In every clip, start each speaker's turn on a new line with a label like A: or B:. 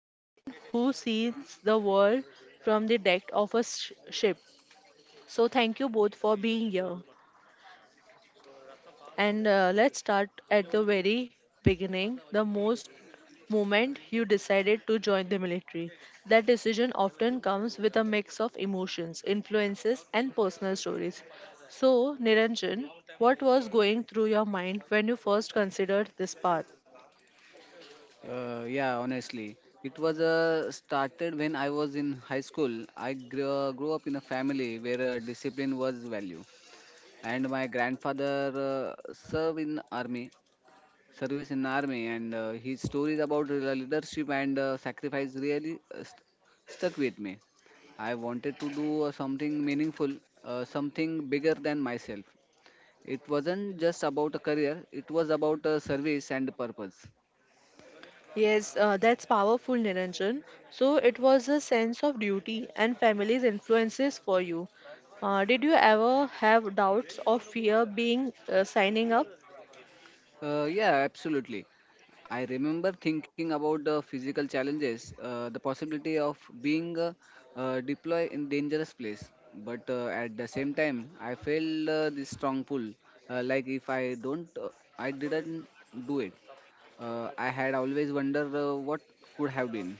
A: veteran who sees the world from the deck of a ship. So, thank you both for being here. And let's start at the very beginning the most moment you decided to join the military. That decision often comes with a mix of emotions, influences, and personal stories. So, Niranjan, what was going through your mind when you first considered this path?
B: Yeah, honestly, it was started when I was in high school. I grew up in a family where discipline was value, and my grandfather served in army, service in army, and his stories about leadership and sacrifice really stuck with me. I wanted to do something meaningful, something bigger than myself. It wasn't just about a career; it was about service and purpose.
A: Yes, that's powerful, Niranjan. So it was a sense of duty and family's influences for you. Did you ever have doubts or fear being signing up?
B: Yeah, absolutely. I remember thinking about the physical challenges, the possibility of being deployed in dangerous place. But at the same time, I felt this strong pull. Like if I don't, I didn't do it. I had always wondered what could have been.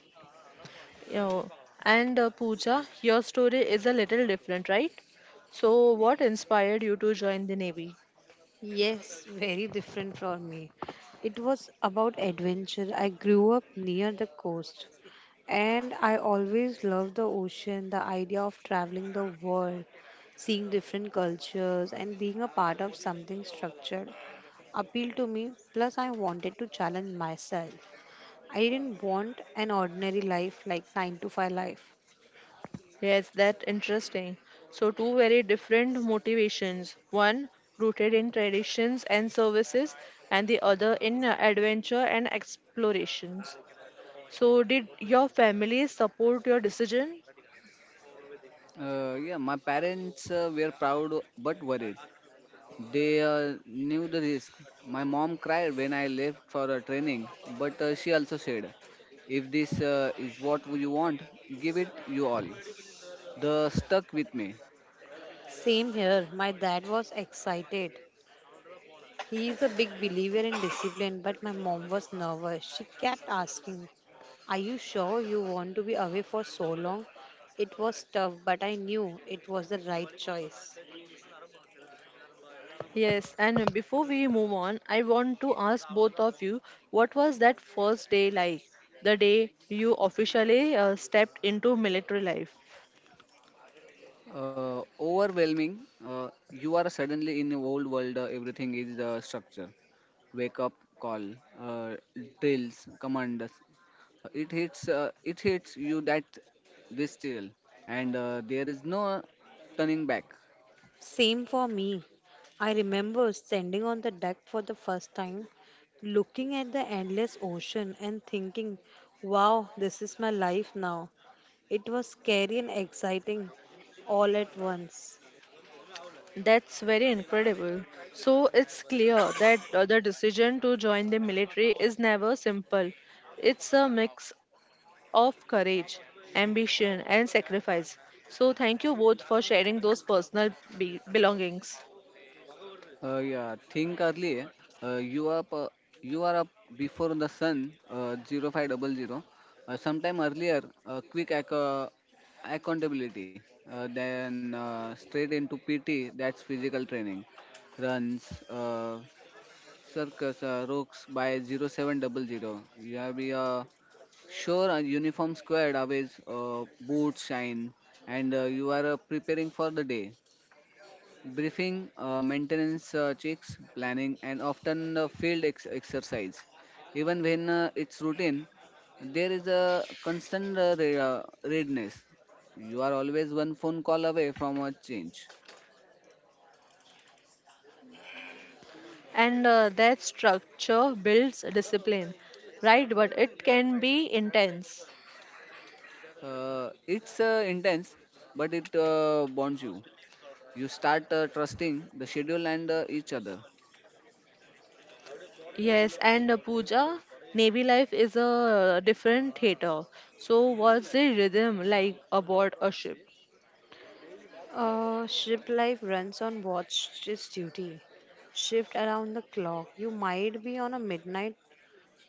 A: You know, and Pooja, your story is a little different, right? So what inspired you to join the Navy?
C: Yes, very different for me. It was about adventure. I grew up near the coast and I always loved the ocean, the idea of traveling the world, seeing different cultures, and being a part of something structured appealed to me. Plus, I wanted to challenge myself. I didn't want an ordinary life like 9 to 5 life.
A: Yes, that interesting. So two very different motivations. One rooted in traditions and services, and the other in adventure and explorations. So, did your family support your decision?
B: Yeah, my parents were proud but worried. They knew the risk. My mom cried when I left for a training, but she also said, if this is what you want, give it you all. The stuck with me.
C: Same here. My dad was excited. He is a big believer in discipline, but my mom was nervous. She kept asking, are you sure you want to be away for so long? It was tough, but I knew it was the right choice.
A: Yes, and before we move on, I want to ask both of you what was that first day like? The day you officially stepped into military life.
B: Overwhelming. You are suddenly in a old world. Everything is structure. Wake up call, uh, drills, commands. It hits. It hits you that this still, and there is no turning back.
C: Same for me. I remember standing on the deck for the first time, looking at the endless ocean and thinking, wow, this is my life now. It was scary and exciting all at once.
A: That's very incredible. So, it's clear that the decision to join the military is never simple. It's a mix of courage, ambition, and sacrifice. So, thank you both for sharing those personal belongings.
B: Yeah, think early. Eh? You up? You are up before the sun. 0500. Sometime earlier. Quick accountability. Then straight into PT. That's physical training. Runs. Circus. Rocks by 0700. You have be sure a uniform squared always boots shine and you are preparing for the day briefing, maintenance checks, planning, and often field ex- exercise. Even when it's routine, there is a constant readiness. You are always one phone call away from a change.
A: And that structure builds discipline, right, but it can be intense.
B: It's intense, but it bonds you. You start trusting the schedule and each other.
A: Yes, and Puja, Navy life is a different theater. So what's the rhythm like aboard a ship?
C: Ship life runs on watch duty. Shift around the clock. You might be on a midnight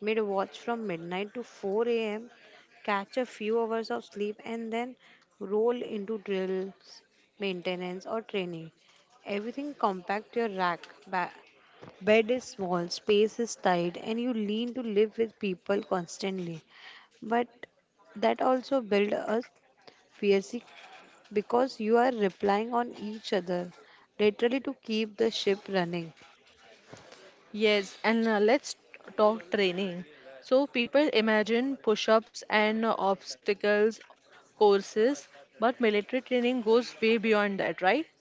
C: mid watch from midnight to 4 a.m. Catch a few hours of sleep and then roll into drills, maintenance, or training. Everything compact your rack. Bed is small, space is tight, and you lean to live with people constantly. But that also build a fierce because you are relying on each other literally to keep the ship running.
A: Yes, and let's talk training. So people imagine push-ups and obstacles courses, but military training goes way beyond that, right?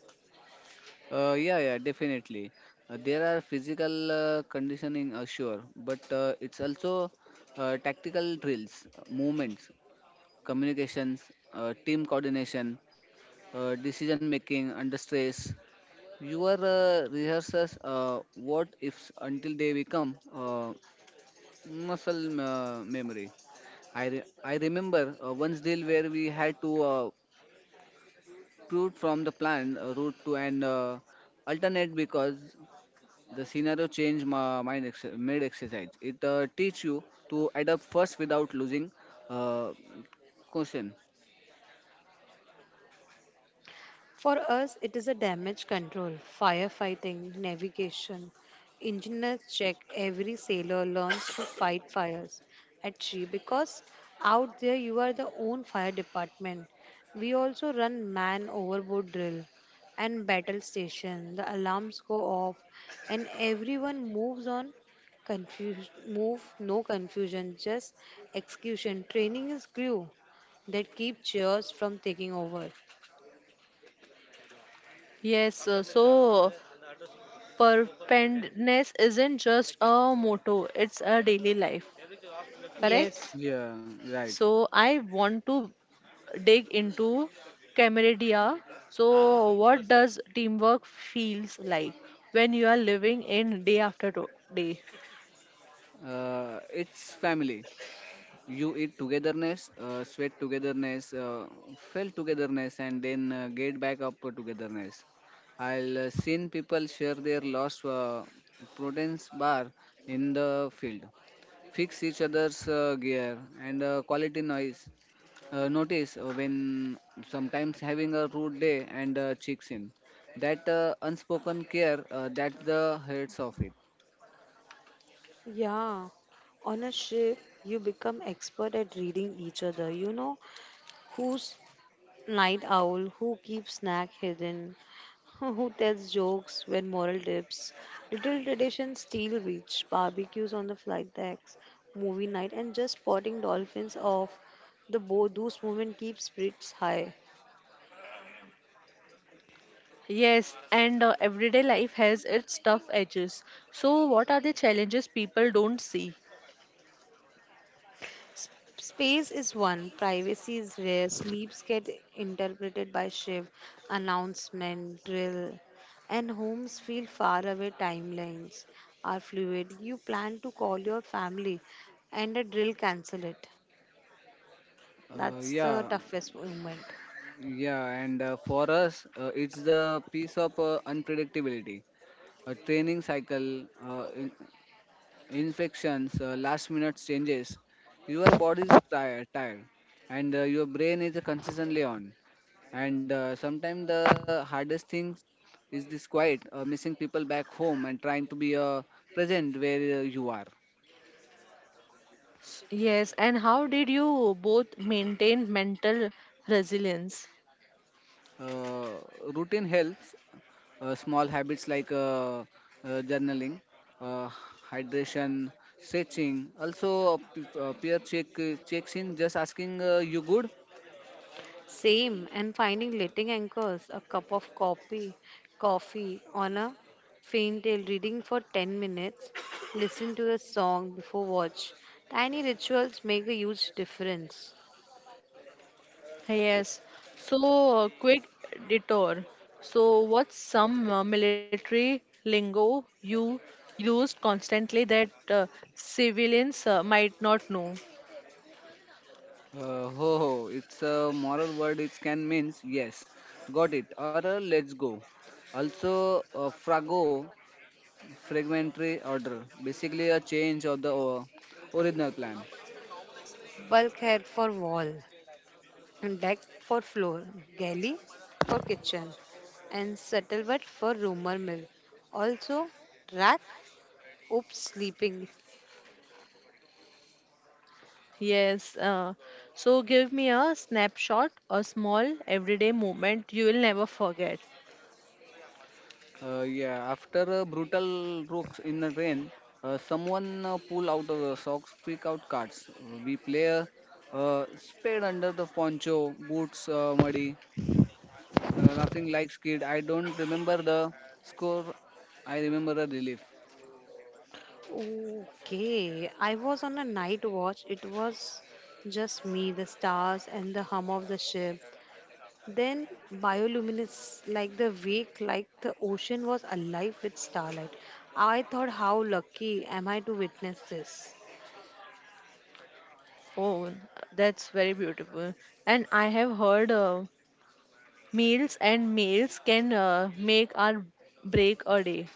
B: Yeah, definitely. There are physical conditioning, sure, but it's also tactical drills, movements, communications, team coordination, decision making under stress. Your rehearsals, what ifs until they become muscle memory. I remember one deal where we had to route from the plan route to an alternate because the scenario change my mind mid exercise. It teach you to adapt first without losing uh, caution.
C: For us, it is a damage control, firefighting, navigation. Engineers check every sailor learns to fight fires at sea because out there you are the own fire department. We also run man overboard drill and battle station. The alarms go off and everyone moves on confusion move no confusion just execution training is glue that keep cheers from taking over.
A: Yes, so Perpendness isn't just a motto, it's a daily life. Correct?
C: Yes.
B: Yeah, right.
A: So I want to dig into camaraderie. So what does teamwork feels like when you are living in day after day?
B: It's family. You eat togetherness, sweat togetherness, fell togetherness, and then get back up togetherness. I'll seen people share their lost proteins bar in the field, fix each other's gear and quality noise, notice when sometimes having a rude day and checks in. That unspoken care, that's the heads of it.
C: Yeah, on a ship, you become expert at reading each other. You know who's night owl, who keeps snack hidden, who tells jokes when moral dips. Little traditions still reach barbecues on the flight decks, movie night, and just spotting dolphins off the boat. Those moments keep spirits high.
A: Yes, and everyday life has its tough edges. So what are the challenges people don't see?
C: Space is one, privacy is rare, sleeps get interpreted by shift, announcement, drill, and homes feel far away. Timelines are fluid. You plan to call your family, and a drill cancel it.
B: Uh,
C: That's the
B: yeah,
C: toughest moment.
B: yeah, and for us, it's the piece of unpredictability, a training cycle. Infections, last minute changes. Your body is tired, and your brain is consistently on. And sometimes the hardest thing is this quiet, missing people back home and trying to be present where you are.
A: Yes, and how did you both maintain mental resilience?
B: Uh, routine helps, small habits like journaling, uh, hydration, stretching. Also, a peer checks in, just asking you good.
C: Same, and finding letting anchors, a cup of coffee, coffee on a faint tail, reading for 10 minutes, listen to a song before watch. Tiny rituals make a huge difference.
A: Yes. So, quick detour. So, what's some military lingo you used constantly that civilians might not know?
B: Ho ho, it's a moral word. It can means yes, got it, or let's go. Also, frago, fragmentary order, basically a change of the original plan.
C: Bulk head for wall, and deck for floor, galley for kitchen, and scuttlebutt for rumor mill. Also, rack, oops, sleeping.
A: Yes. So, give me a snapshot, a small everyday moment you will never forget.
B: Yeah, after a brutal rocks in the rain, someone pull out of the socks, pick out cards. We play a spade under the poncho, boots muddy, laughing like skid. I don't remember the score. I remember the relief.
C: Okay, I was on a night watch. It was just me, the stars, and the hum of the ship. Then bioluminescence, like the wake, like the ocean was alive with starlight. I thought, how lucky am I to witness this?
A: Oh, that's very beautiful. And I have heard meals and meals can make or break a day.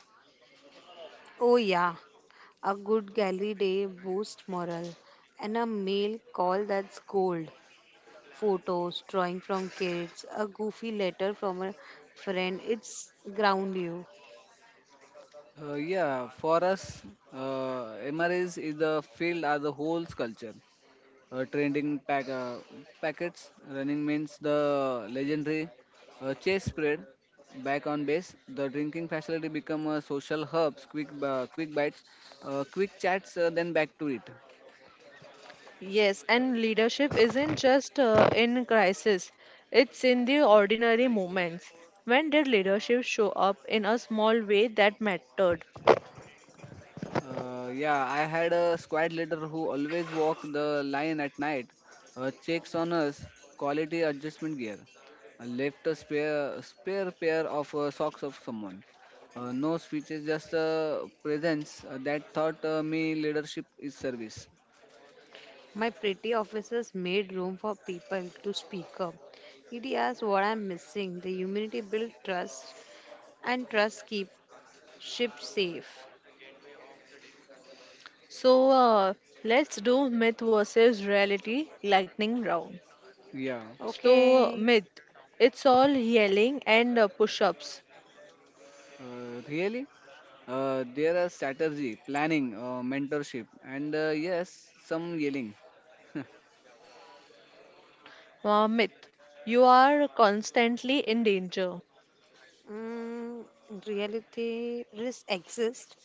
C: Oh yeah, a good galley day boosts morale, and a mail call, that's gold. Photos, drawing from kids, a goofy letter from a friend. It's ground you.
B: Yeah, for us, MREs is the field as a whole culture. Trending pack, packets running means the legendary chase spread back on base. The drinking facility become a social hubs, quick bites, quick chats, then back to it.
A: Yes, and leadership isn't just in crisis, it's in the ordinary moments. When did leadership show up in a small way that mattered?
B: Yeah, I had a squad leader who always walked the line at night, checks on us, quality adjustment gear, left a spare pair of socks of someone. No speeches, just a presence that taught me leadership is service.
C: My pretty officers made room for people to speak up. It is what I'm missing. The humanity build trust, and trust keep ships safe.
A: So let's do myth versus reality lightning round.
B: Yeah.
A: So,
C: Okay.
A: myth, it's all yelling and push ups.
B: Really? There are strategy, planning, mentorship, and yes, some yelling.
A: Myth, you are constantly in danger.
C: mm, Reality risks exist,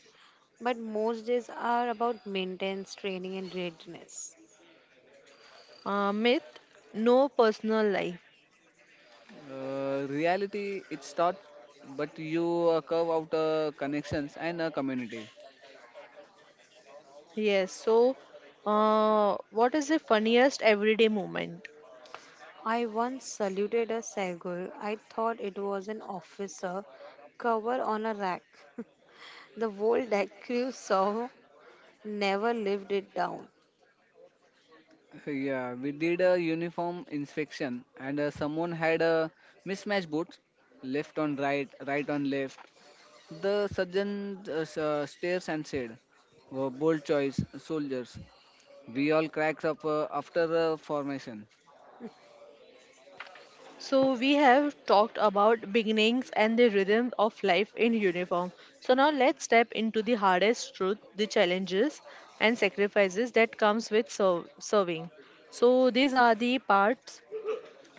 C: but most days are about maintenance, training, and readiness.
A: Myth, no personal life.
B: Reality, it starts, but you curve out connections and a community.
A: Yes, so what is the funniest everyday moment?
C: I once saluted a sailor. I thought it was an officer cover on a rack. The whole deck crew saw, never lived it down.
B: Yeah, we did a uniform inspection, and someone had a mismatched boots, left on right, right on left. The surgeon stares and said, "Bold choice, soldiers." We all cracked up after formation.
A: So we have talked about beginnings and the rhythm of life in uniform. So now let's step into the hardest truth, the challenges and sacrifices that comes with serving. So these are the parts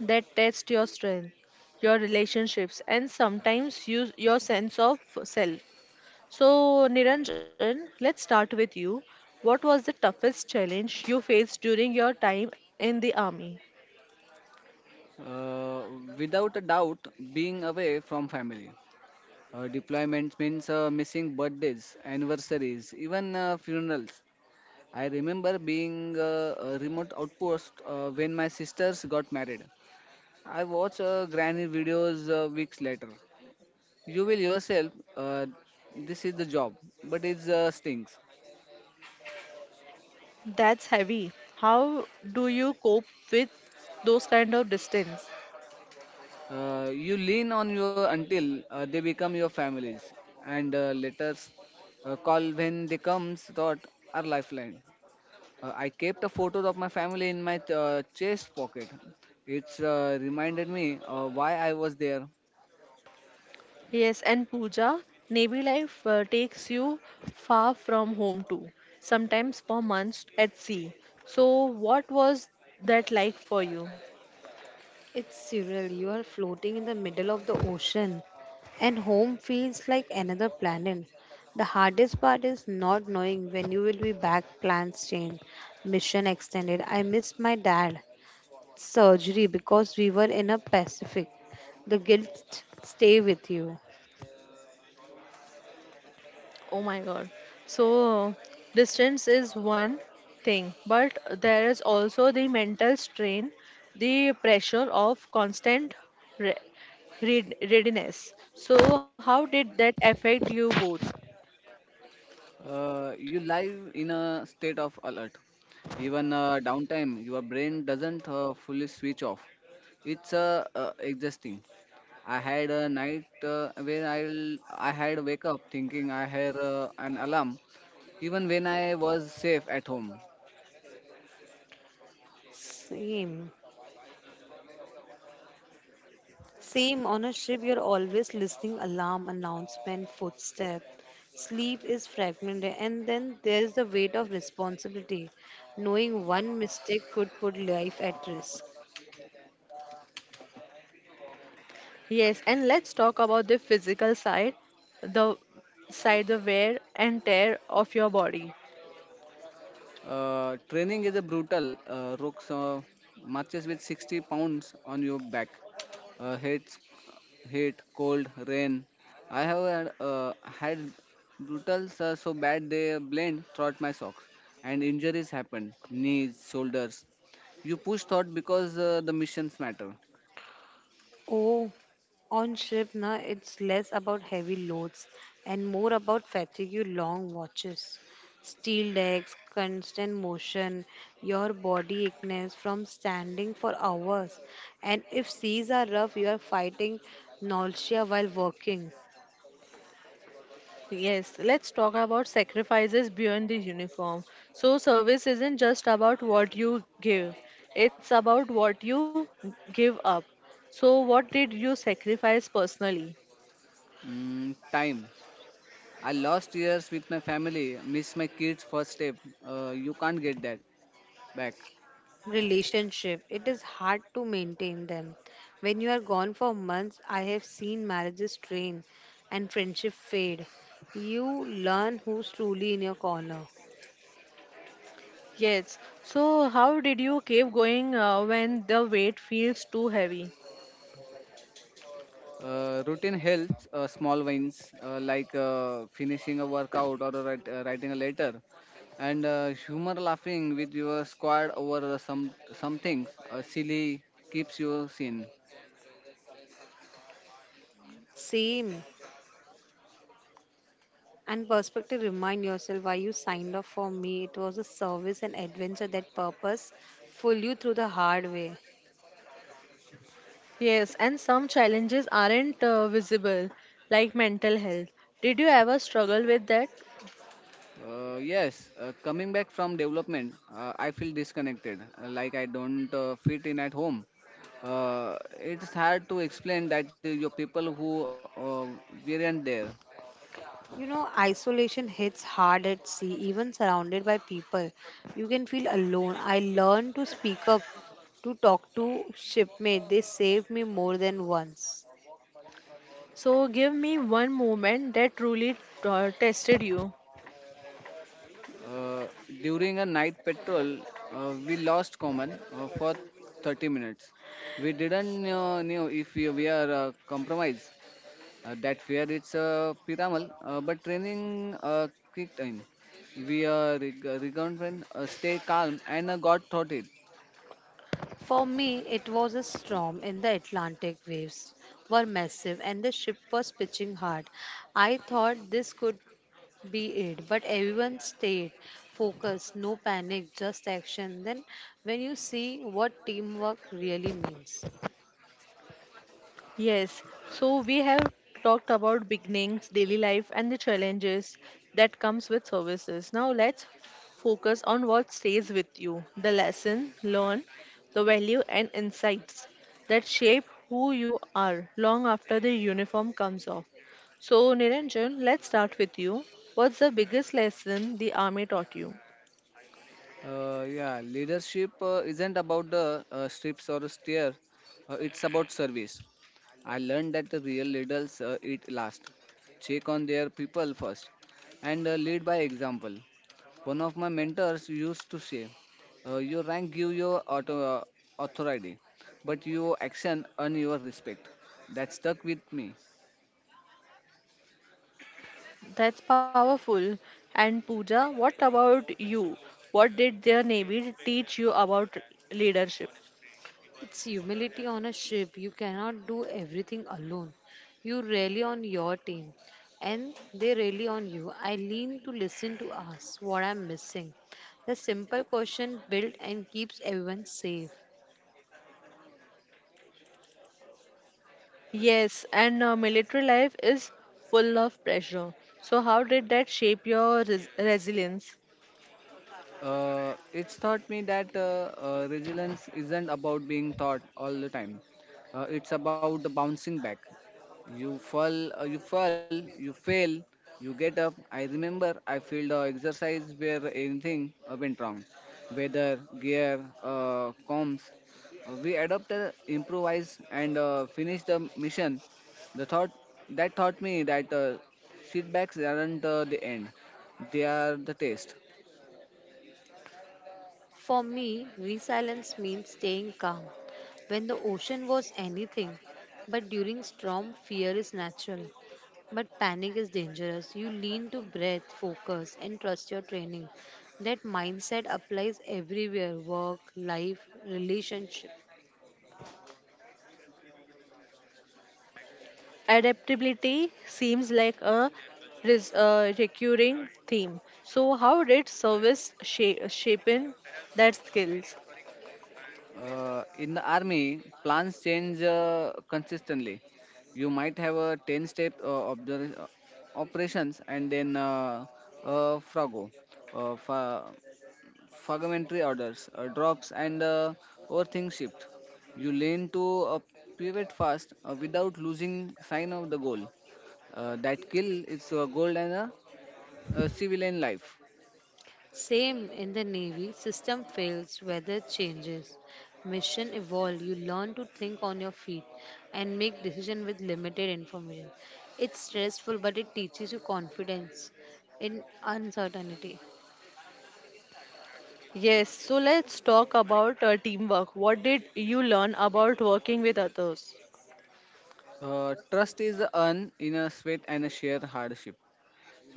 A: that test your strength, your relationships and sometimes you, your sense of self. So Niranjan, let's start with you. What was the toughest challenge you faced during your time in the army?
B: uh, Without a doubt, being away from family. Deployments means missing birthdays, anniversaries, even funerals. I remember being a remote outpost when my sisters got married. I watch granny videos weeks later. You will yourself, this is the job, but it stinks.
A: That's heavy. How do you cope with those kind of distance?
B: You lean on your until they become your families, and letters call when they comes thought are lifeline. I kept a photos of my family in my chest pocket. It's reminded me why I was there.
A: Yes, and Pooja, Navy life takes you far from home too, sometimes for months at sea. So, what was that like for you?
C: It's surreal. You are floating in the middle of the ocean, and home feels like another planet. The hardest part is not knowing when you will be back. Plans change, mission extended. I missed my dad surgery because we were in a Pacific. The guilt stay with you.
A: Oh my God. So, distance is one thing, but there is also the mental strain, the pressure of constant re- readiness. So, how did that affect you both?
B: You live in a state of alert. Even downtime, your brain doesn't fully switch off. It's exhausting. I had a night where I had wake up thinking I had an alarm, even when I was safe at home.
C: Same. Same on a ship, you're always listening alarm, announcement, footstep. Sleep is fragmented, and then there is the weight of responsibility. Knowing one mistake could put life at risk.
A: Yes, and let's talk about the physical the side, the wear and tear of your body.
B: Training is a brutal. Rooks marches with 60 pounds on your back. Hates heat, cold, rain. I have had, had brutals so bad they blend throughout my socks, and injuries happen. Knees, shoulders. You push thought because the missions matter.
C: Oh, on ship now it's less about heavy loads and more about fatigue long watches. Steel decks, constant motion, your body aches from standing for hours. And if seas are rough, you are fighting nausea while working.
A: Yes, let's talk about sacrifices beyond the uniform. So, service isn't just about what you give, it's about what you give up. So, what did you sacrifice personally?
B: Mm, time. I lost years with my family. Miss my kids' first step. You can't get that back.
C: Relationship, it is hard to maintain them when you are gone for months. I have seen marriages strain and friendship fade. You learn who's truly in your corner.
A: Yes, so how did you keep going when the weight feels too heavy?
B: Routine helps, small wins like finishing a workout or a writing a letter, and humor laughing with your squad over the some things silly keeps you sane.
C: Same, and perspective, remind yourself why you signed up. For me it was a service and adventure. That purpose pull you through the hard way.
A: Yes, and some challenges aren't visible, like mental health. Did you ever struggle with that?
B: Yes coming back from development, I feel disconnected, like I don't fit in at home. It's hard to explain that your people who uh, weren't there.
C: You know, isolation hits hard at sea, even surrounded by people. You can feel alone. I learned to speak up, to talk to shipmate. They saved me more than once.
A: So, give me one moment that truly tested you.
B: Uh, during a night patrol, we lost common for 30 minutes. We didn't know if we are compromised. That fear, it's pyramidal, but training kicked in. We regained, stay calm, and got thought it.
C: For me, it was a storm in the Atlantic. Waves were massive and the ship was pitching hard. I thought this could be it, but everyone stayed focused, no panic, just action. Then, when you see what teamwork really means.
A: Yes, so we have talked about beginnings, daily life, and the challenges that comes with services. Now let's focus on what stays with you, the lesson learned, the value and insights that shape who you are long after the uniform comes off. So Niranjan, let's start with you. What's the biggest lesson the army taught you?
B: Yeah, leadership isn't about the strips or a steer. It's about service. I learned that the real leaders eat last, check on their people first, and lead by example. One of my mentors used to say, "Your rank give your authority, but your action earn your respect." That stuck with me.
A: That's powerful. And Pooja, what about you? What did their Navy teach you about leadership?
C: It's humility on a ship. You cannot do everything alone. You rely on your team and they rely on you. I lean to listen to us, what I'm missing. The simple question built and keeps everyone safe.
A: Yes, and military life is full of pressure. So, how did that shape your res- resilience?
B: It's taught me that resilience isn't about being taught all the time. It's about the bouncing back. You fall, you fail, you get up. I remember I failed the exercise where anything went wrong, weather, gear, comms. We adapted, improvised, and finished the mission. The thought that taught me that setbacks aren't the end; they are the test.
C: For me, resilience means staying calm. When the ocean was anything, but during storm, fear is natural. But panic is dangerous. You lean to breath, focus, and trust your training. That mindset applies everywhere, work, life, relationship.
A: Adaptability seems like a recurring theme. So, how did service shape in that skills?
B: In the army, plans change consistently. You might have a 10 step of the operations and then uh, frago, uh, fa- fragmentary orders, drops, and overthink shift. You learn to pivot fast without losing sign of the goal. That kill is gold and a, civilian life.
C: Same in the Navy, system fails, weather changes, mission evolve. You learn to think on your feet and make decision with limited information. It's stressful, but it teaches you confidence in uncertainty.
A: Yes, so let's talk about teamwork. What did you learn about working with others?
B: Trust is earned in a sweat and a sheer hardship.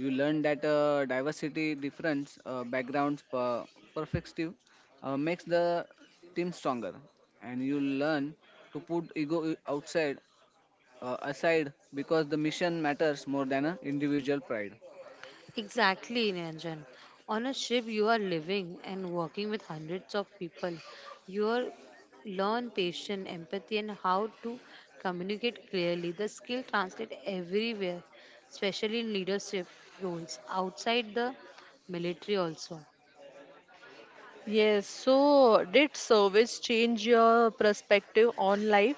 B: You learn that diversity, difference, backgrounds, perspective makes the team stronger, and you learn to put ego outside aside because the mission matters more than a individual pride.
C: Exactly, Niranjan. On a ship, you are living and working with hundreds of people. You are learn patience, empathy, and how to communicate clearly. The skill translates everywhere, especially in leadership roles outside the military also.
A: Yes, so did service change your perspective on life?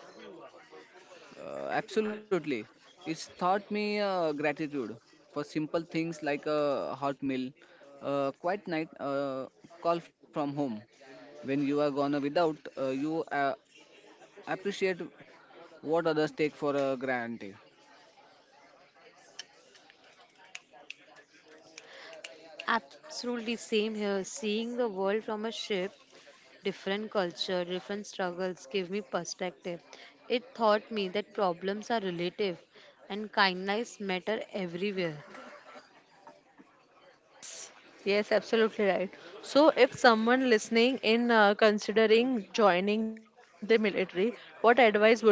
B: Absolutely, it's taught me gratitude for simple things like a hot meal, a quiet night, a call from home. When you are gone without, you appreciate what others take for granted.
C: Absolutely same here. Seeing the world from a ship, different culture, different struggles gave me perspective. It taught me that problems are relative and kindness matter everywhere.
A: Yes, absolutely right. So, if someone listening in considering joining the military, what advice would you give?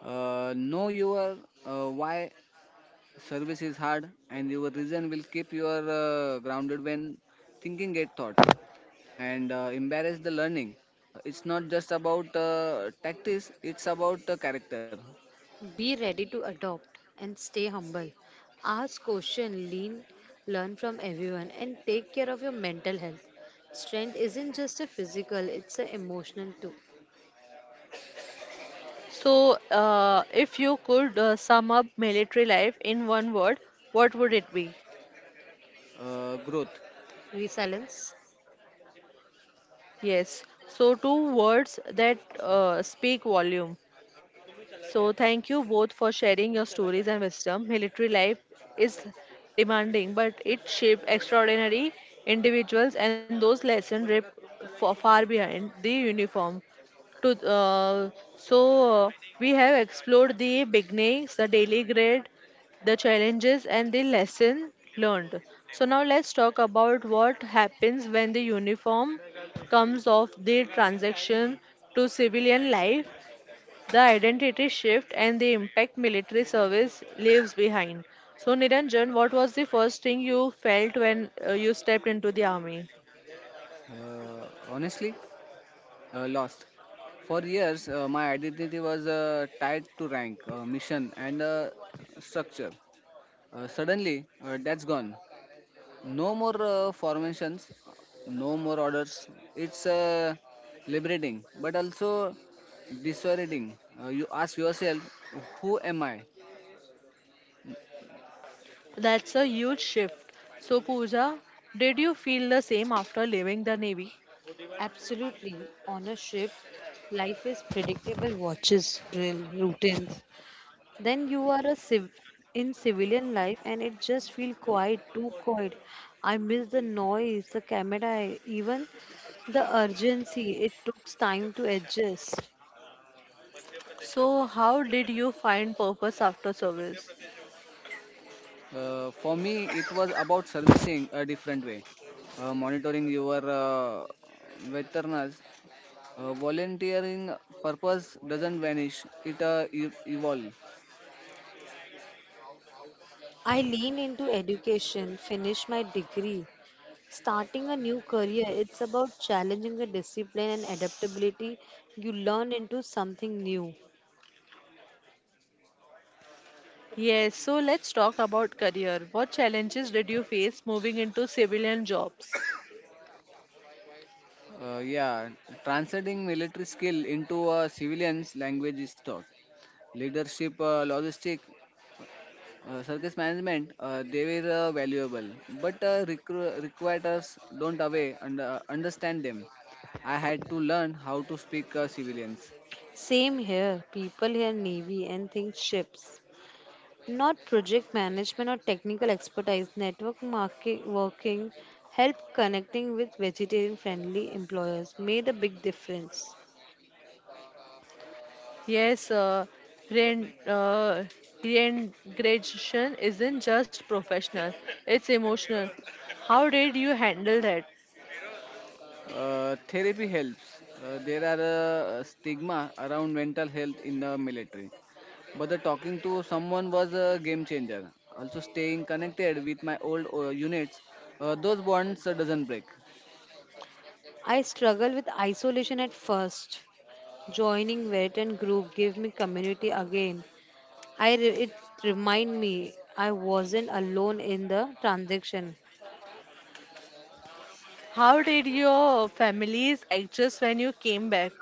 B: Know your why. Service is hard and your reason will keep you grounded when thinking get thought, and embrace the learning. It's not just about tactics, it's about character.
C: Be ready to adopt and stay humble. Ask question, lean, learn from everyone and take care of your mental health. Strength isn't just a physical, it's an emotional too.
A: So, if you could sum up military life in one word, what would it be?
B: Growth.
C: Resilience?
A: Yes, so two words that speak volume. So, thank you both for sharing your stories and wisdom. Military life is demanding, but it shapes extraordinary individuals, and those lessons rip far behind the uniform. To so uh, we have explored the beginnings, the daily grade, the challenges, and the lesson learned. So now let's talk about what happens when the uniform comes off the transaction to civilian life, the identity shift and the impact military service leaves behind. So, Niranjan, what was the first thing you felt when you stepped into the army?
B: Honestly, lost. For years my identity was tied to rank, mission, and structure. Suddenly that's gone. No more formations, no more orders. It's liberating, but also disorienting. You ask yourself, who am I?
A: That's a huge shift. So, Pooja, did you feel the same after leaving the Navy?
C: Absolutely. Ownership. Life is predictable, watches, drill, routines. Then you are a in civilian life and it just feel quiet, too quiet. I miss the noise, the camera, even the urgency. It took time to adjust.
A: So, how did you find purpose after service?
B: For me, it was about servicing a different way, monitoring your veterans. Volunteering purpose doesn't vanish; it evolve.
C: I lean into education, finish my degree, starting a new career. It's about challenging the discipline and adaptability. You learn into something new.
A: Yes, so let's talk about career. What challenges did you face moving into civilian jobs?
B: Yeah, translating military skill into a civilian's language is taught. Leadership, logistic, circus management, they were valuable, but recruiters don't away and understand them. I had to learn how to speak civilians.
C: Same here. People here navy and think ships, not project management or technical expertise. Network market working, help connecting with vegetarian friendly employers made a big difference.
A: Yes, rein, uh, reintegration isn't just professional, it's emotional. How did you handle that?
B: Therapy helps. There are stigma around mental health in the military, but the talking to someone was a game changer. Also, staying connected with my old units, those bonds doesn't break.
C: I struggled with isolation at first. Joining vet group gave me community again. It remind me I wasn't alone in the transaction.
A: How did your families adjust when you came back?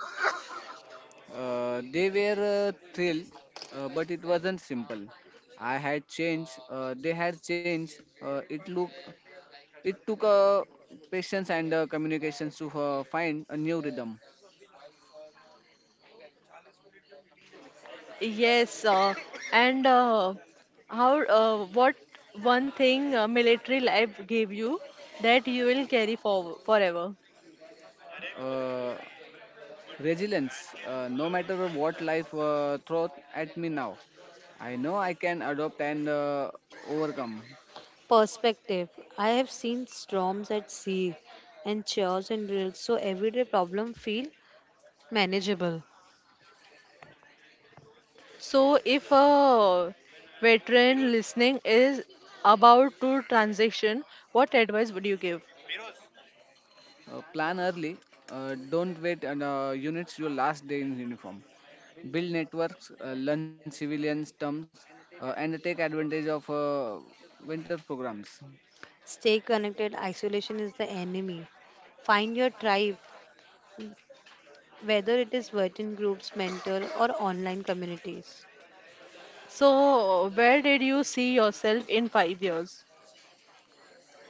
B: They were thrilled, but it wasn't simple. I had changed. They had changed. It took patience and communications to find a new rhythm.
A: Yes, uh, and uh, how, uh, what one thing military life gave you that you will carry for forever?
B: Uh, Resilience. No matter what life throws at me now, I know I can adopt and overcome.
C: Perspective. I have seen storms at sea and chairs and drills, so everyday problem feel manageable.
A: So, if a veteran listening is about to transition, what advice would you give?
B: Plan early. Don't wait and units your last day in uniform. Build networks, learn civilians terms, and take advantage of winter programs.
C: Stay connected, isolation is the enemy. Find your tribe, whether it is virgin groups, mentor, or online communities.
A: So, where did you see yourself in 5 years?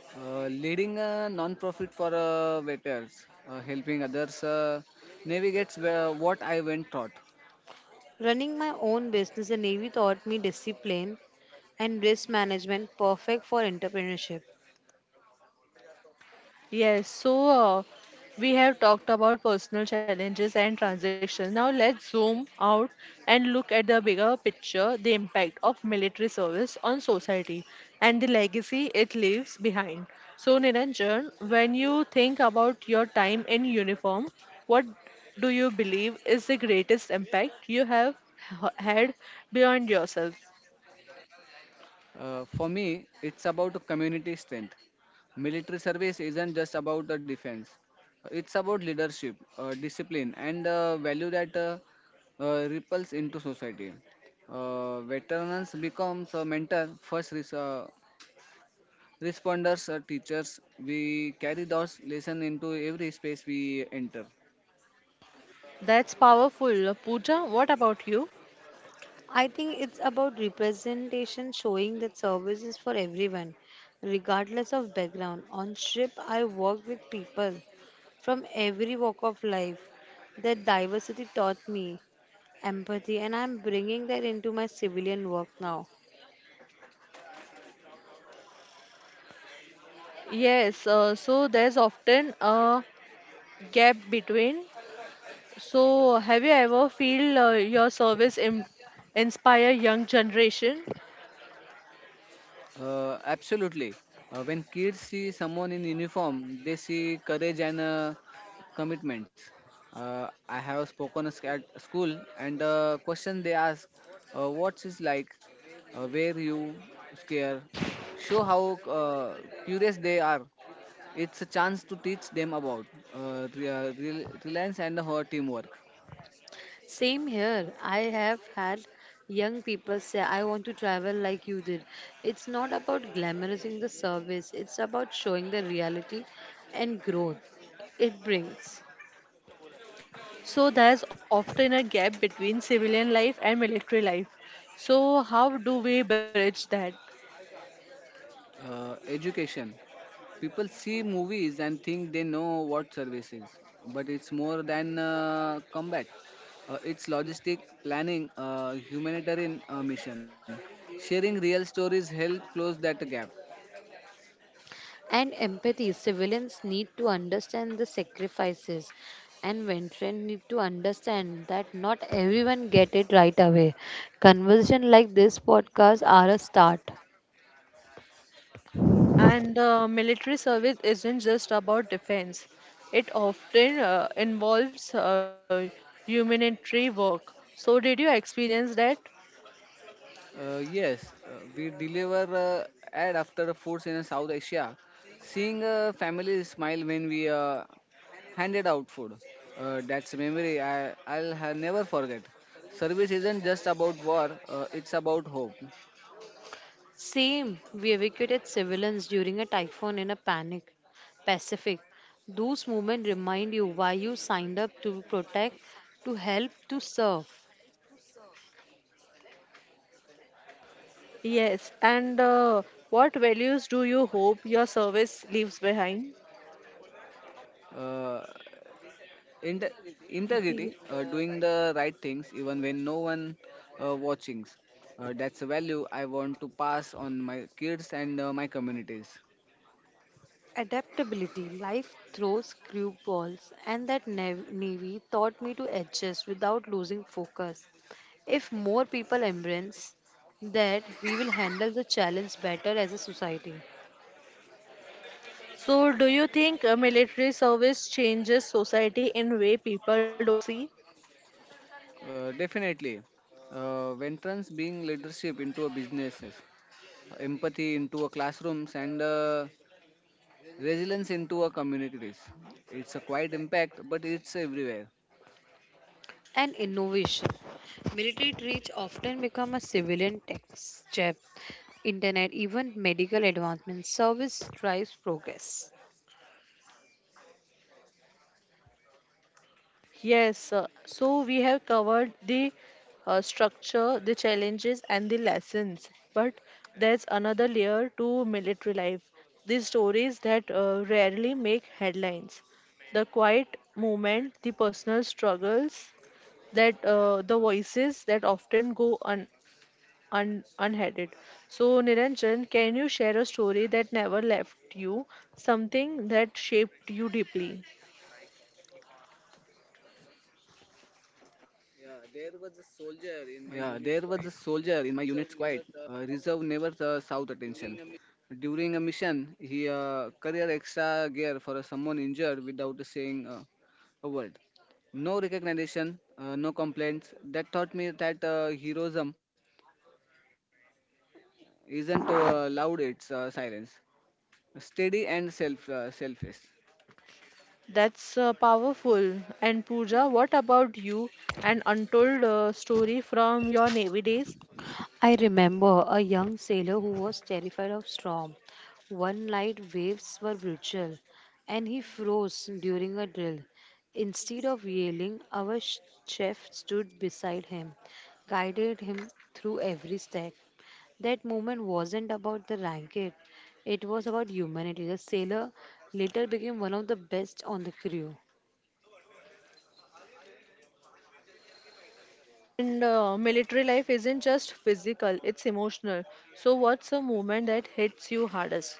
B: Leading a non-profit for veterans, helping others navigates where, what I went taught.
C: Running my own business, the Navy taught me discipline and risk management, perfect for entrepreneurship.
A: Yes, so we have talked about personal challenges and transactions. Now, let's zoom out and look at the bigger picture the impact of military service on society and the legacy it leaves behind. So, Niranjan, when you think about your time in uniform, what do you believe is the greatest impact you have had beyond yourself?
B: For me, it's about community strength. Military service isn't just about the defense. It's about leadership, discipline, and value that ripples into society. Veterans becomes a mentor first responders are teachers. We carry those lessons into every space we enter.
A: That's powerful. Pooja, what about you?
C: I think it's about representation, showing that service is for everyone, regardless of background. On ship, I work with people from every walk of life. That diversity taught me empathy, and I'm bringing that into my civilian work now.
A: Yes, so there's often a gap between. So, have you ever feel your service inspire young generation?
B: Absolutely. When kids see someone in uniform, they see courage and commitments. I have spoken at school, and the question they ask, "What's it like? Where you scare?" Show how uh, curious they are. It's a chance to teach them about reliance and her teamwork.
C: Same here. I have had young people say, I want to travel like you did. It's not about glamorizing the service, it's about showing the reality and growth it brings.
A: So, there's often a gap between civilian life and military life. So, how do we bridge that?
B: Education. People see movies and think they know what service is, but it's more than combat. It's logistic planning, humanitarian mission. Sharing real stories help close that gap.
C: And empathy, civilians need to understand the sacrifices, and veterans need to understand that not everyone get it right away. Conversation like this podcast are a start.
A: And military service isn't just about defense. It often involves humanitarian work. So, did you experience that?
B: Yes, we deliver ad after the foods in South Asia. Seeing families smile when we handed out food, that's a memory I'll never forget. Service isn't just about war, it's about hope.
C: Same, we evacuated civilians during a typhoon in a panic. Pacific. Those moments remind you why you signed up to protect, to help, to serve.
A: Yes, and what values do you hope your service leaves behind?
B: Uh, Inter- Integrity,
C: Be-
B: doing the right things even when no one watching. That's a value I want to pass on my kids and my communities.
C: Adaptability. Life throws curveballs, and that navy taught me to adjust without losing focus. If more people embrace that, we will handle the challenge better as a society.
A: So, do you think military service changes society in way people don't see?
B: Definitely, veterans bring leadership into a businesses, empathy into a classrooms, and resilience into a communities. It's a quiet impact, but it's everywhere.
C: And innovation. Military reach often become a civilian tax jab. Internet, even medical advancements, service drives progress.
A: Yes, so we have covered the structure, the challenges, and the lessons. But there's another layer to military life the stories that rarely make headlines, the quiet movement, the personal struggles, that the voices that often go unheaded. So, Niranjan, can you share a story that never left you, something that shaped you deeply?
B: Yeah, there was a soldier in my unit's squad. Reserve never south attention. During a mission, he career extra gear for someone injured without saying a word. No recognition, no complaints. That taught me that heroism isn't loud; it's silence, steady and selfless.
A: That's powerful. And Pooja, what about you? An untold story from your Navy days?
C: I remember a young sailor who was terrified of storm. One night waves were brutal and he froze during a drill. Instead of yelling, our chef stood beside him, guided him through every step. That moment wasn't about the racket, it was about humanity. The sailor later became one of the best on the crew.
A: And military life isn't just physical, it's emotional. So, what's a moment that hits you hardest?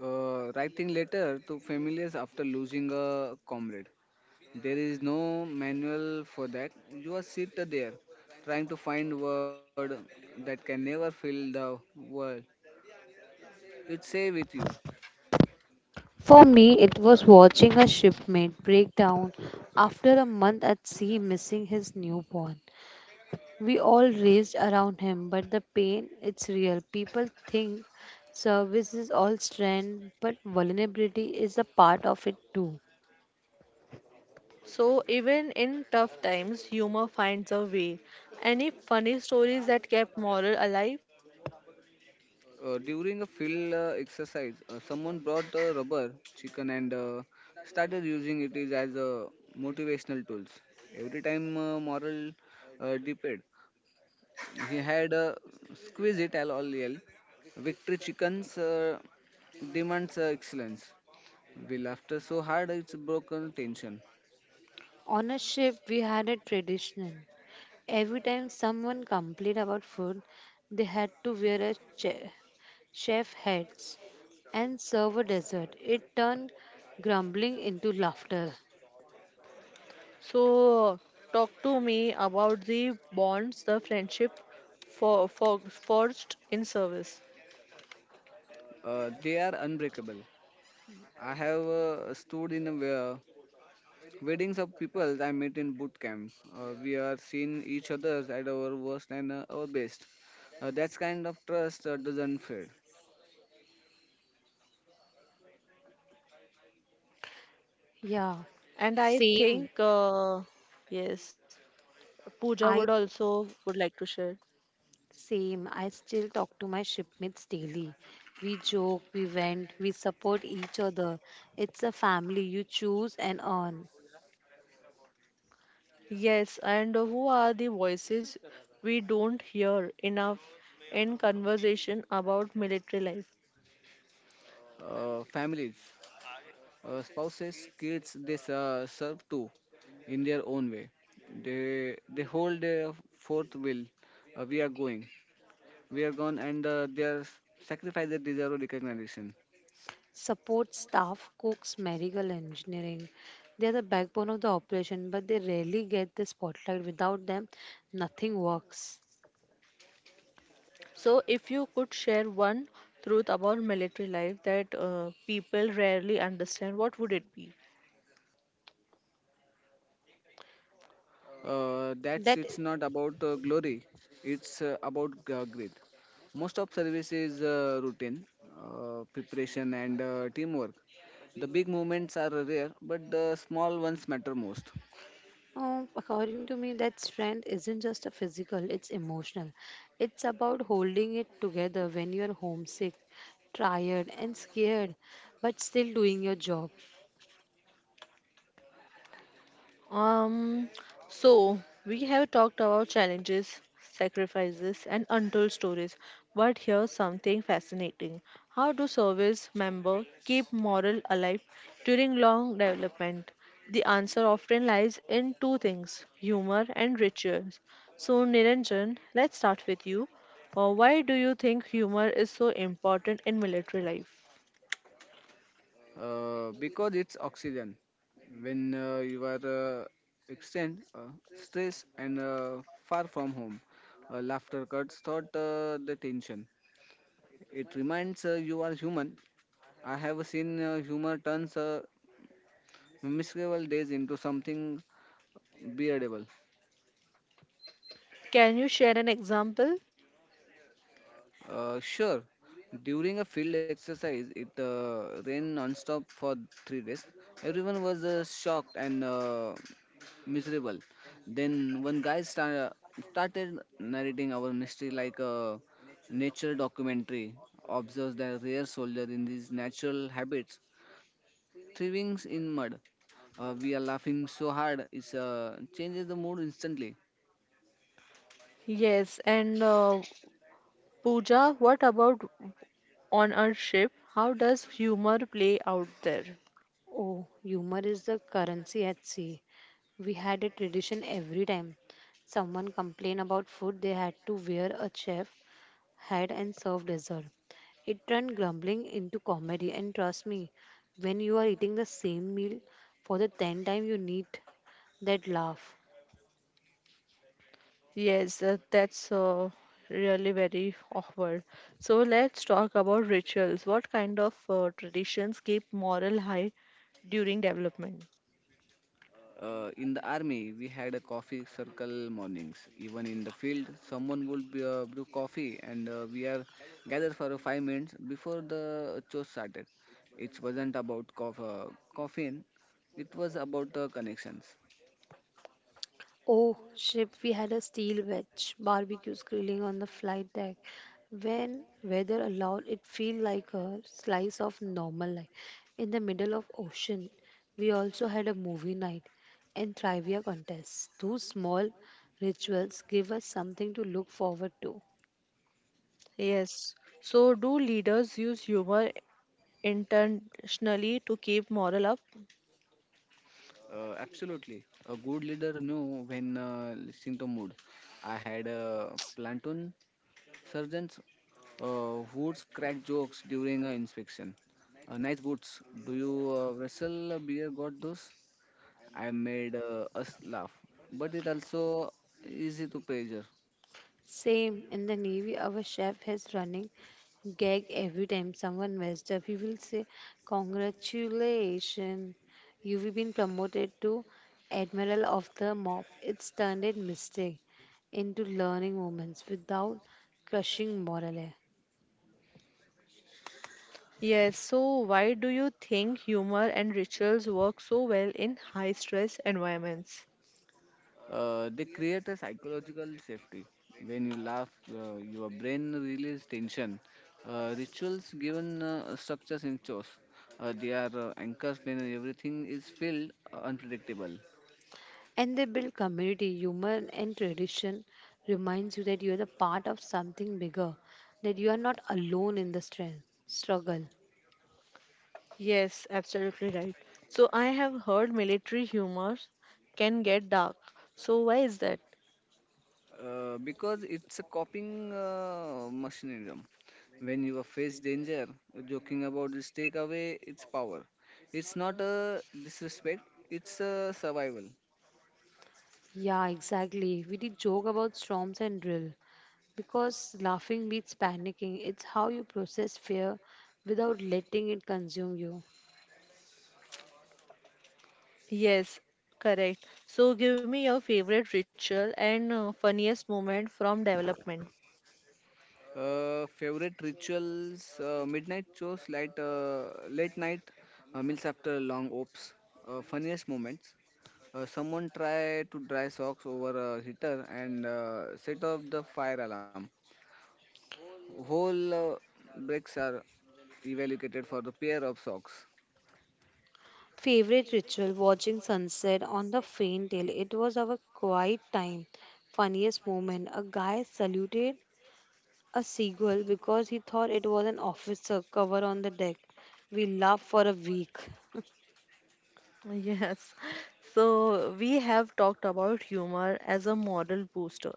B: Writing letter to families after losing a comrade. There is no manual for that. You are sit there trying to find word that can never fill the world. It say with you.
C: For me, it was watching a shipmate break down after a month at sea missing his newborn. We all raced around him, but the pain, it's real. People think service is all strength, but vulnerability is a part of it too.
A: So, even in tough times, humor finds a way. Any funny stories that kept moral alive?
B: During a field exercise, someone brought a rubber chicken and started using it is as a motivational tools. Every time moral depend, he had squeeze it all yell. Victory chickens demands excellence. We laughed so hard it's broken tension.
C: On a ship, we had a tradition. Every time someone complained about food, they had to wear a chef hats and serve a dessert. It turned grumbling into laughter.
A: So, talk to me about the bonds, the friendship for forged in service.
B: They are unbreakable. I have stood in a weddings of people I met in boot camp. We are seeing each other at our worst and our best. That kind of trust doesn't fade.
C: Yeah,
A: And I
C: same.
A: think, yes, Pooja
C: I
A: would also would like to share.
C: same. I still talk to my shipmates daily. We joke, we vent, we support each other. It's a family you choose and earn.
A: Yes, and who are the voices we don't hear enough in conversation about military life?
B: Families, spouses, kids, they serve too in their own way. They hold their fourth will. We are going. We are gone, and their sacrifices deserve recognition.
C: Support staff, cooks, medical engineering. They are the backbone of the operation, but they rarely get the spotlight. Without them, nothing works.
A: So, if you could share one truth about military life that people rarely understand, what would it be?
B: That's
C: That,
B: It's not about glory, it's about grit. Most of service is routine, preparation and teamwork. The big movements are rare, but the small ones matter most.
C: According to me, that strength isn't just a physical, it's emotional. It's about holding it together when you're homesick, tired, and scared, but still doing your job.
A: Um, so we have talked about challenges, sacrifices, and untold stories, but here's something fascinating. How do service members keep morale alive during long development? The answer often lies in two things humor and rituals. So, Niranjan, let's start with you. Why do you think humor is so important in military life?
B: Because it's oxygen when you are extend stress and far from home, laughter cuts thought the tension. It reminds you are human. I have seen humor turns memorable days into something beardable.
A: Can you share an example?
B: Sure, during a field exercise, it rained non-stop for 3 days. Everyone was shocked and miserable. Then one guy started narrating our mystery like a nature documentary. Observes the rare soldier in his natural habits, thriving in mud. We are laughing so hard, it changes the mood instantly.
A: Yes, and Pooja, what about on our ship, how does humor play out there?
C: Oh, humor is the currency at sea. We had a tradition every time someone complained about food, they had to wear a chef hat and serve dessert. It turned grumbling into comedy, and trust me, when you are eating the same meal for the tenth time, you need that laugh.
A: Yes, that's really very awkward. So let's talk about rituals. What kind of traditions keep morale high during development?
B: In the army, we had a coffee circle mornings. Even in the field, someone would be, brew coffee, and we are gathered for 5 minutes before the chore started. It wasn't about caffeine; it was about connections.
C: Oh, ship, we had a steel wedge barbecues grilling on the flight deck. When weather allowed, it felt like a slice of normal life. In the middle of ocean, we also had a movie night and trivia contests. Those small rituals give us something to look forward to.
A: Yes. So do leaders use humor intentionally to keep morale up?
B: Absolutely, a good leader knew when listening to mood. I had platoon sergeants who'd crack jokes during an inspection. Nice boots. Do you wrestle beer? Got those? I made us laugh, but it also easy to pleasure.
C: Same in the Navy, our chef is running gag every time someone messed up. He will say, "Congratulations, you've been promoted to Admiral of the Mob." It's turned a mistake into learning moments without crushing morale.
A: Yes. So why do you think humor and rituals work so well in high stress environments?
B: They create a psychological safety. When you laugh, your brain releases tension. Rituals given structures in chores. They are anchors when everything is filled unpredictable.
C: And they build community, humor, and tradition reminds you that you are the part of something bigger, that you are not alone in the strength, struggle.
A: Yes, absolutely right. So I have heard military humor can get dark. So why is that?
B: Because it's a coping mechanism. When you face danger, joking about this take away its power. It's not a disrespect, it's a survival.
C: Yeah, exactly. We did joke about storms and drill. Because laughing beats panicking. It's how you process fear without letting it consume you.
A: Yes, correct. So give me your favorite ritual and funniest moment from development.
B: Favorite rituals: midnight shows, light, late night meals after long ops. Funniest moments: someone try to dry socks over a heater and set off the fire alarm. Whole breaks are evaluated for the pair of socks.
C: Favorite ritual watching sunset on the faint hill. It was our quiet time. Funniest moment. A guy saluted a seagull because he thought it was an officer cover on the deck. We laughed for a week.
A: Yes. So we have talked about humor as a moral booster.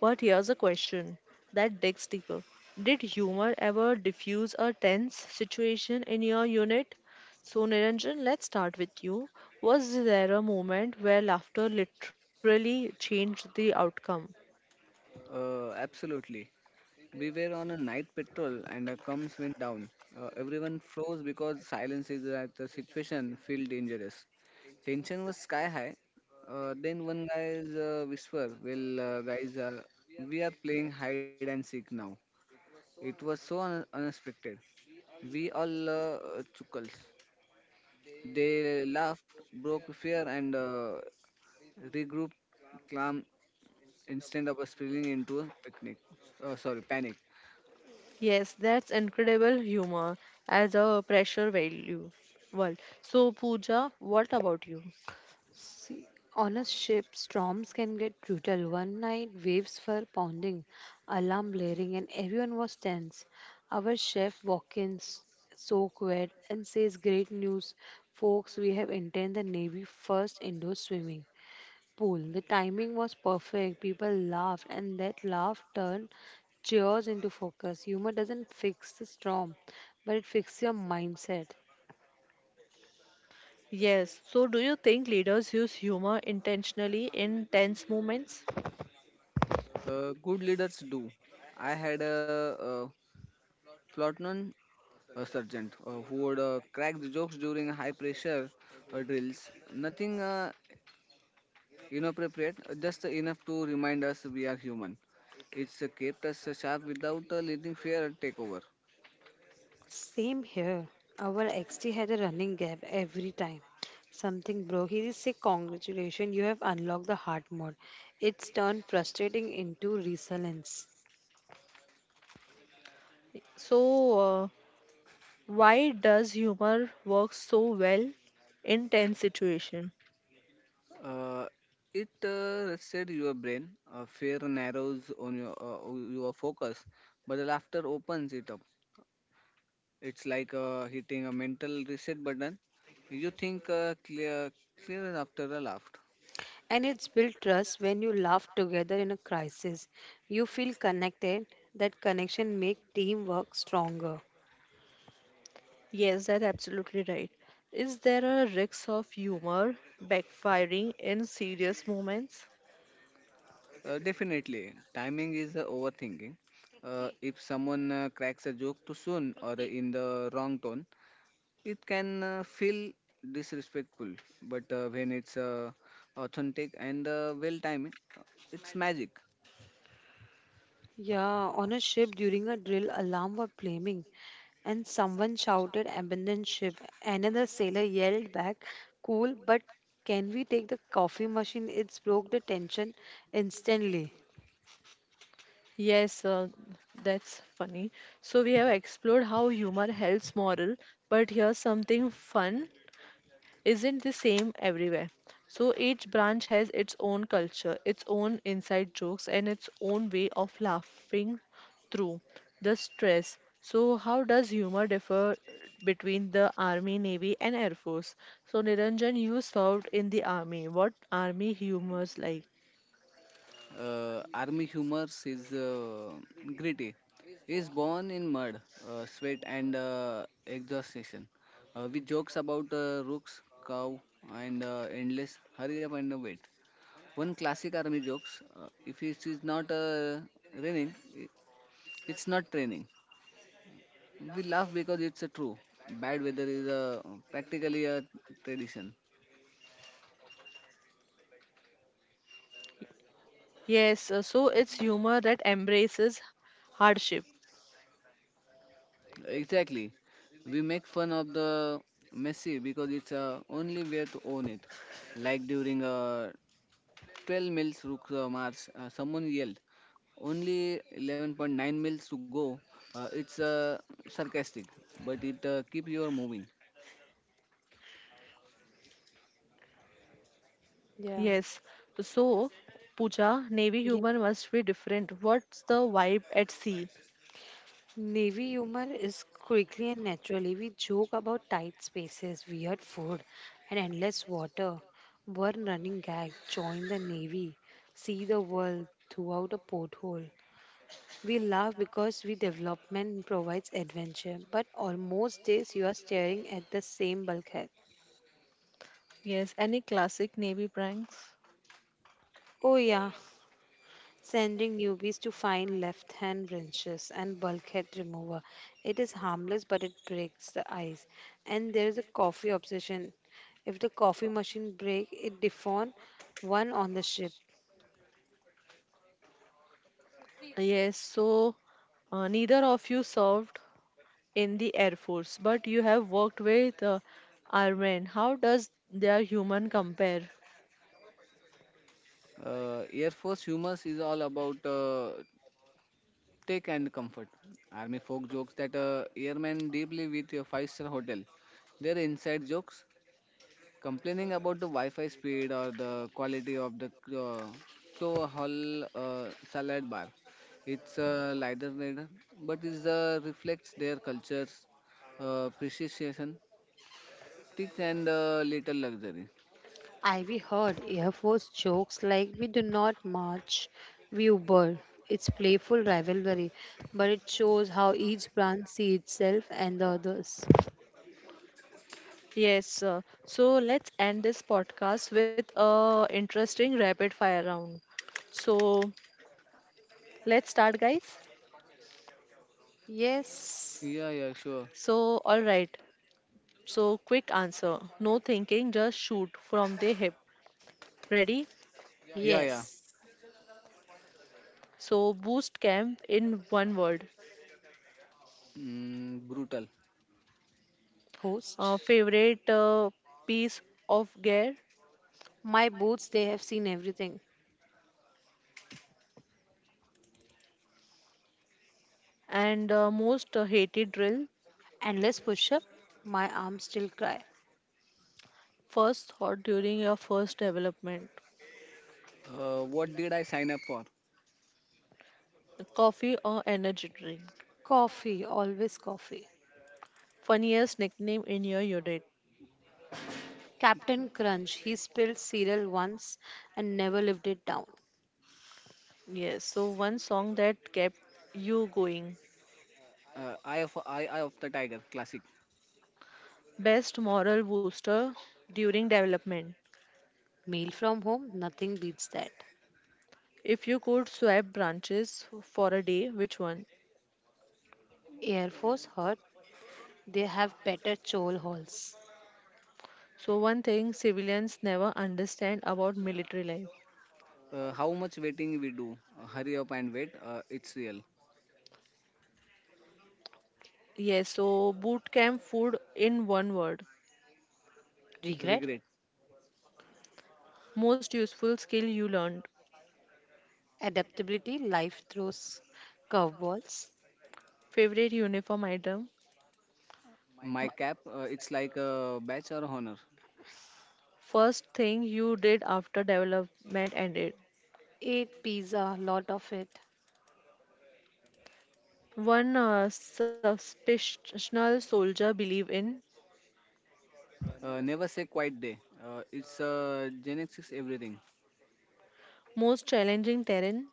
A: But here's a question that digs deeper. Did humor ever diffuse a tense situation in your unit? So Niranjan, let's start with you. Was there a moment where laughter literally changed the outcome?
B: Absolutely. We were on a night patrol and the comms went down. Everyone froze because silence is that the situation felt dangerous. Tension was sky high. Then one guy's whisper, "Well, guys, we are playing hide and seek now." It was so unexpected. We all chuckles. They laughed, broke fear, and regrouped calm instead of spilling into picnic. Sorry, panic.
A: Yes, that's incredible humor as a pressure value. Well, so Pooja, what about you?
C: See, on a ship, storms can get brutal. One night, waves were pounding, alarm blaring, and everyone was tense. Our chef walks in, soaked wet, and says, "Great news, folks, we have entered the Navy first indoor swimming pool." The timing was perfect. People laughed, and that laugh turned cheers into focus. Humor doesn't fix the storm, but it fixes your mindset.
A: Yes. So, do you think leaders use humor intentionally in tense moments?
B: Good leaders do. I had a platoon sergeant who would crack the jokes during high pressure drills. Nothing inappropriate, just enough to remind us we are human. It's kept us sharp without letting fear take over.
C: Same here. Our XT had a running gap every time. Something broke. He just say, "Congratulations, you have unlocked the hard mode." It's turned frustrating into resilience.
A: So, why does humor work so well in tense situation?
B: Uh, it rested your brain. Fear narrows on your focus, but the laughter opens it up. It's like hitting a mental reset button. You think clear after a laugh.
C: And it's built trust when you laugh together in a crisis. You feel connected. That connection makes teamwork stronger.
A: Yes, that's absolutely right. Is there a risk of humor backfiring in serious moments?
B: Definitely, timing is overthinking. If someone cracks a joke too soon or in the wrong tone, it can feel disrespectful. But when it's authentic and well timed, it's magic.
C: Yeah, on a ship during a drill, alarm were flaming, and someone shouted, "Abandon ship." Another sailor yelled back, "Cool, but can we take the coffee machine?" It broke the tension instantly.
A: Yes, that's funny. So we have explored how humor helps moral, but here's something fun. Isn't the same everywhere. So each branch has its own culture, its own inside jokes, and its own way of laughing through the stress. So, how does humor differ between the Army, Navy, and Air Force? So, Niranjan, you served in the Army. What Army humor's like?
B: Army humor is gritty, is born in mud, sweat, and exhaustion. With jokes about rooks, cow, and endless hurry up and wait. One classic army jokes: if it is not raining, it's not training. We laugh because it's a true. Bad weather is practically a tradition.
A: Yes, so it's humor that embraces hardship.
B: Exactly. We make fun of the messy because it's only way to own it. Like during a 12 miles to Mars, someone yelled. Only 11.9 miles to go. It's sarcastic, but it keep you moving.
A: Yes.
C: Yeah.
A: So, Pooja, Navy humor must
C: Yeah.
A: be different. What's the vibe at sea?
C: Navy humor is quickly and naturally. We joke about tight spaces, weird food, and endless water. One running gag, join the Navy, see the world throughout a porthole. We laugh because we development provides adventure, but almost days you are staring at the same bulkhead.
A: Yes, any classic Navy pranks?
C: Oh yeah, sending newbies to find left-hand wrenches and bulkhead remover. It is harmless but it breaks the ice. And there is a coffee obsession. If the coffee machine break, it defawn one on the ship.
A: Yes, so neither of you served in the Air Force, but you have worked with airmen. How does their human compare?
B: Air Force humor is all about take and comfort. Army folk jokes that airmen deeply with a five-star hotel. They're inside jokes. Complaining about the Wi-Fi speed or the quality of the uh, Crow Hall salad bar. It's a lighter red, but it reflects their culture's precision, tics, and little luxury.
C: Ivy heard Air Force jokes like, we do not march, we Uber. It's playful rivalry, but it shows how each branch sees itself and the others.
A: Yes, so let's end this podcast with a interesting rapid fire round. So let's start, guys.
C: Yes,
B: Yeah, yeah, sure.
A: So all right. So quick answer. No thinking, just shoot from the hip. Ready?
B: Yeah, yeah.
C: yes.
A: So boost camp in one word.
B: Mm, brutal.
C: Host,
A: Favorite piece of gear.
C: my boots, they have seen everything.
A: And most hated drill.
C: Endless push up, my arms still cry.
A: First thought during your first development.
B: What did I sign up for?
A: Coffee or energy drink.
C: Coffee, always coffee.
A: Funniest nickname in your unit.
C: Captain Crunch, he spilled cereal once and never lived it down.
A: Yes, so one song that kept you going.
B: Eye of the Tiger Classic.
A: Best moral booster during development.
C: Mail from home, nothing beats that.
A: If you could swap branches for a day, which one?
C: Air Force hurt. They have better chole holes.
A: So one thing civilians never understand about military life.
B: How much waiting we do? Hurry up and wait. It's real.
A: Yes, so boot camp food in one word.
C: Regret,
B: Regret.
A: Most useful skill you learned.
C: adaptability, life throws curveballs.
A: Favorite uniform item.
B: My cap, it's like a badge or honor.
A: First thing you did after development ended.
C: Eat pizza, lot of it.
A: One suspicious soldier believe in.
B: Never say quiet day. It's genetics everything.
A: Most challenging terrain.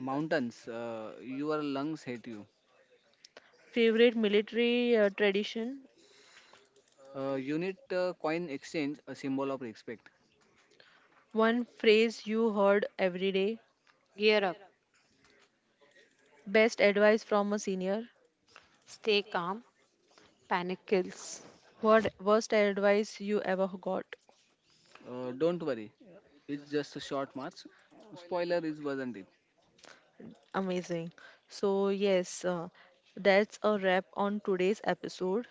B: Mountains, your lungs hate you.
A: Favorite military tradition.
B: Unit coin exchange, a symbol of respect.
A: One phrase you heard every day.
C: Gear up,
A: Best advice from a senior.
C: stay calm, panic kills.
A: What worst advice you ever got?
B: Don't worry, it's just a short march. Spoiler is wasn't it?
A: Amazing. So, yes, that's a wrap on today's episode.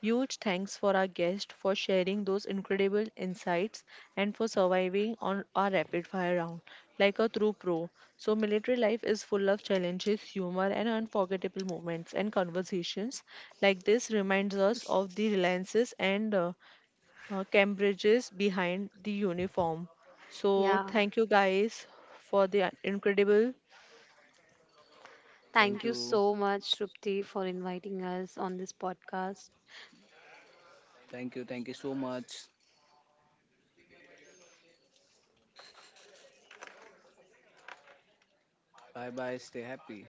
A: Huge thanks for our guest for sharing those incredible insights and for surviving on our rapid fire round like a true pro. So, military life is full of challenges, humor, and unforgettable moments and conversations like this reminds us of the reliances and Cambridges behind the uniform. So,
C: Yeah.
A: thank you guys for the incredible
C: Thank
B: Thank
C: you
B: you,
C: so much, Shrupti, for inviting us on this podcast.
B: thank you, thank you so much. Bye bye. Stay happy.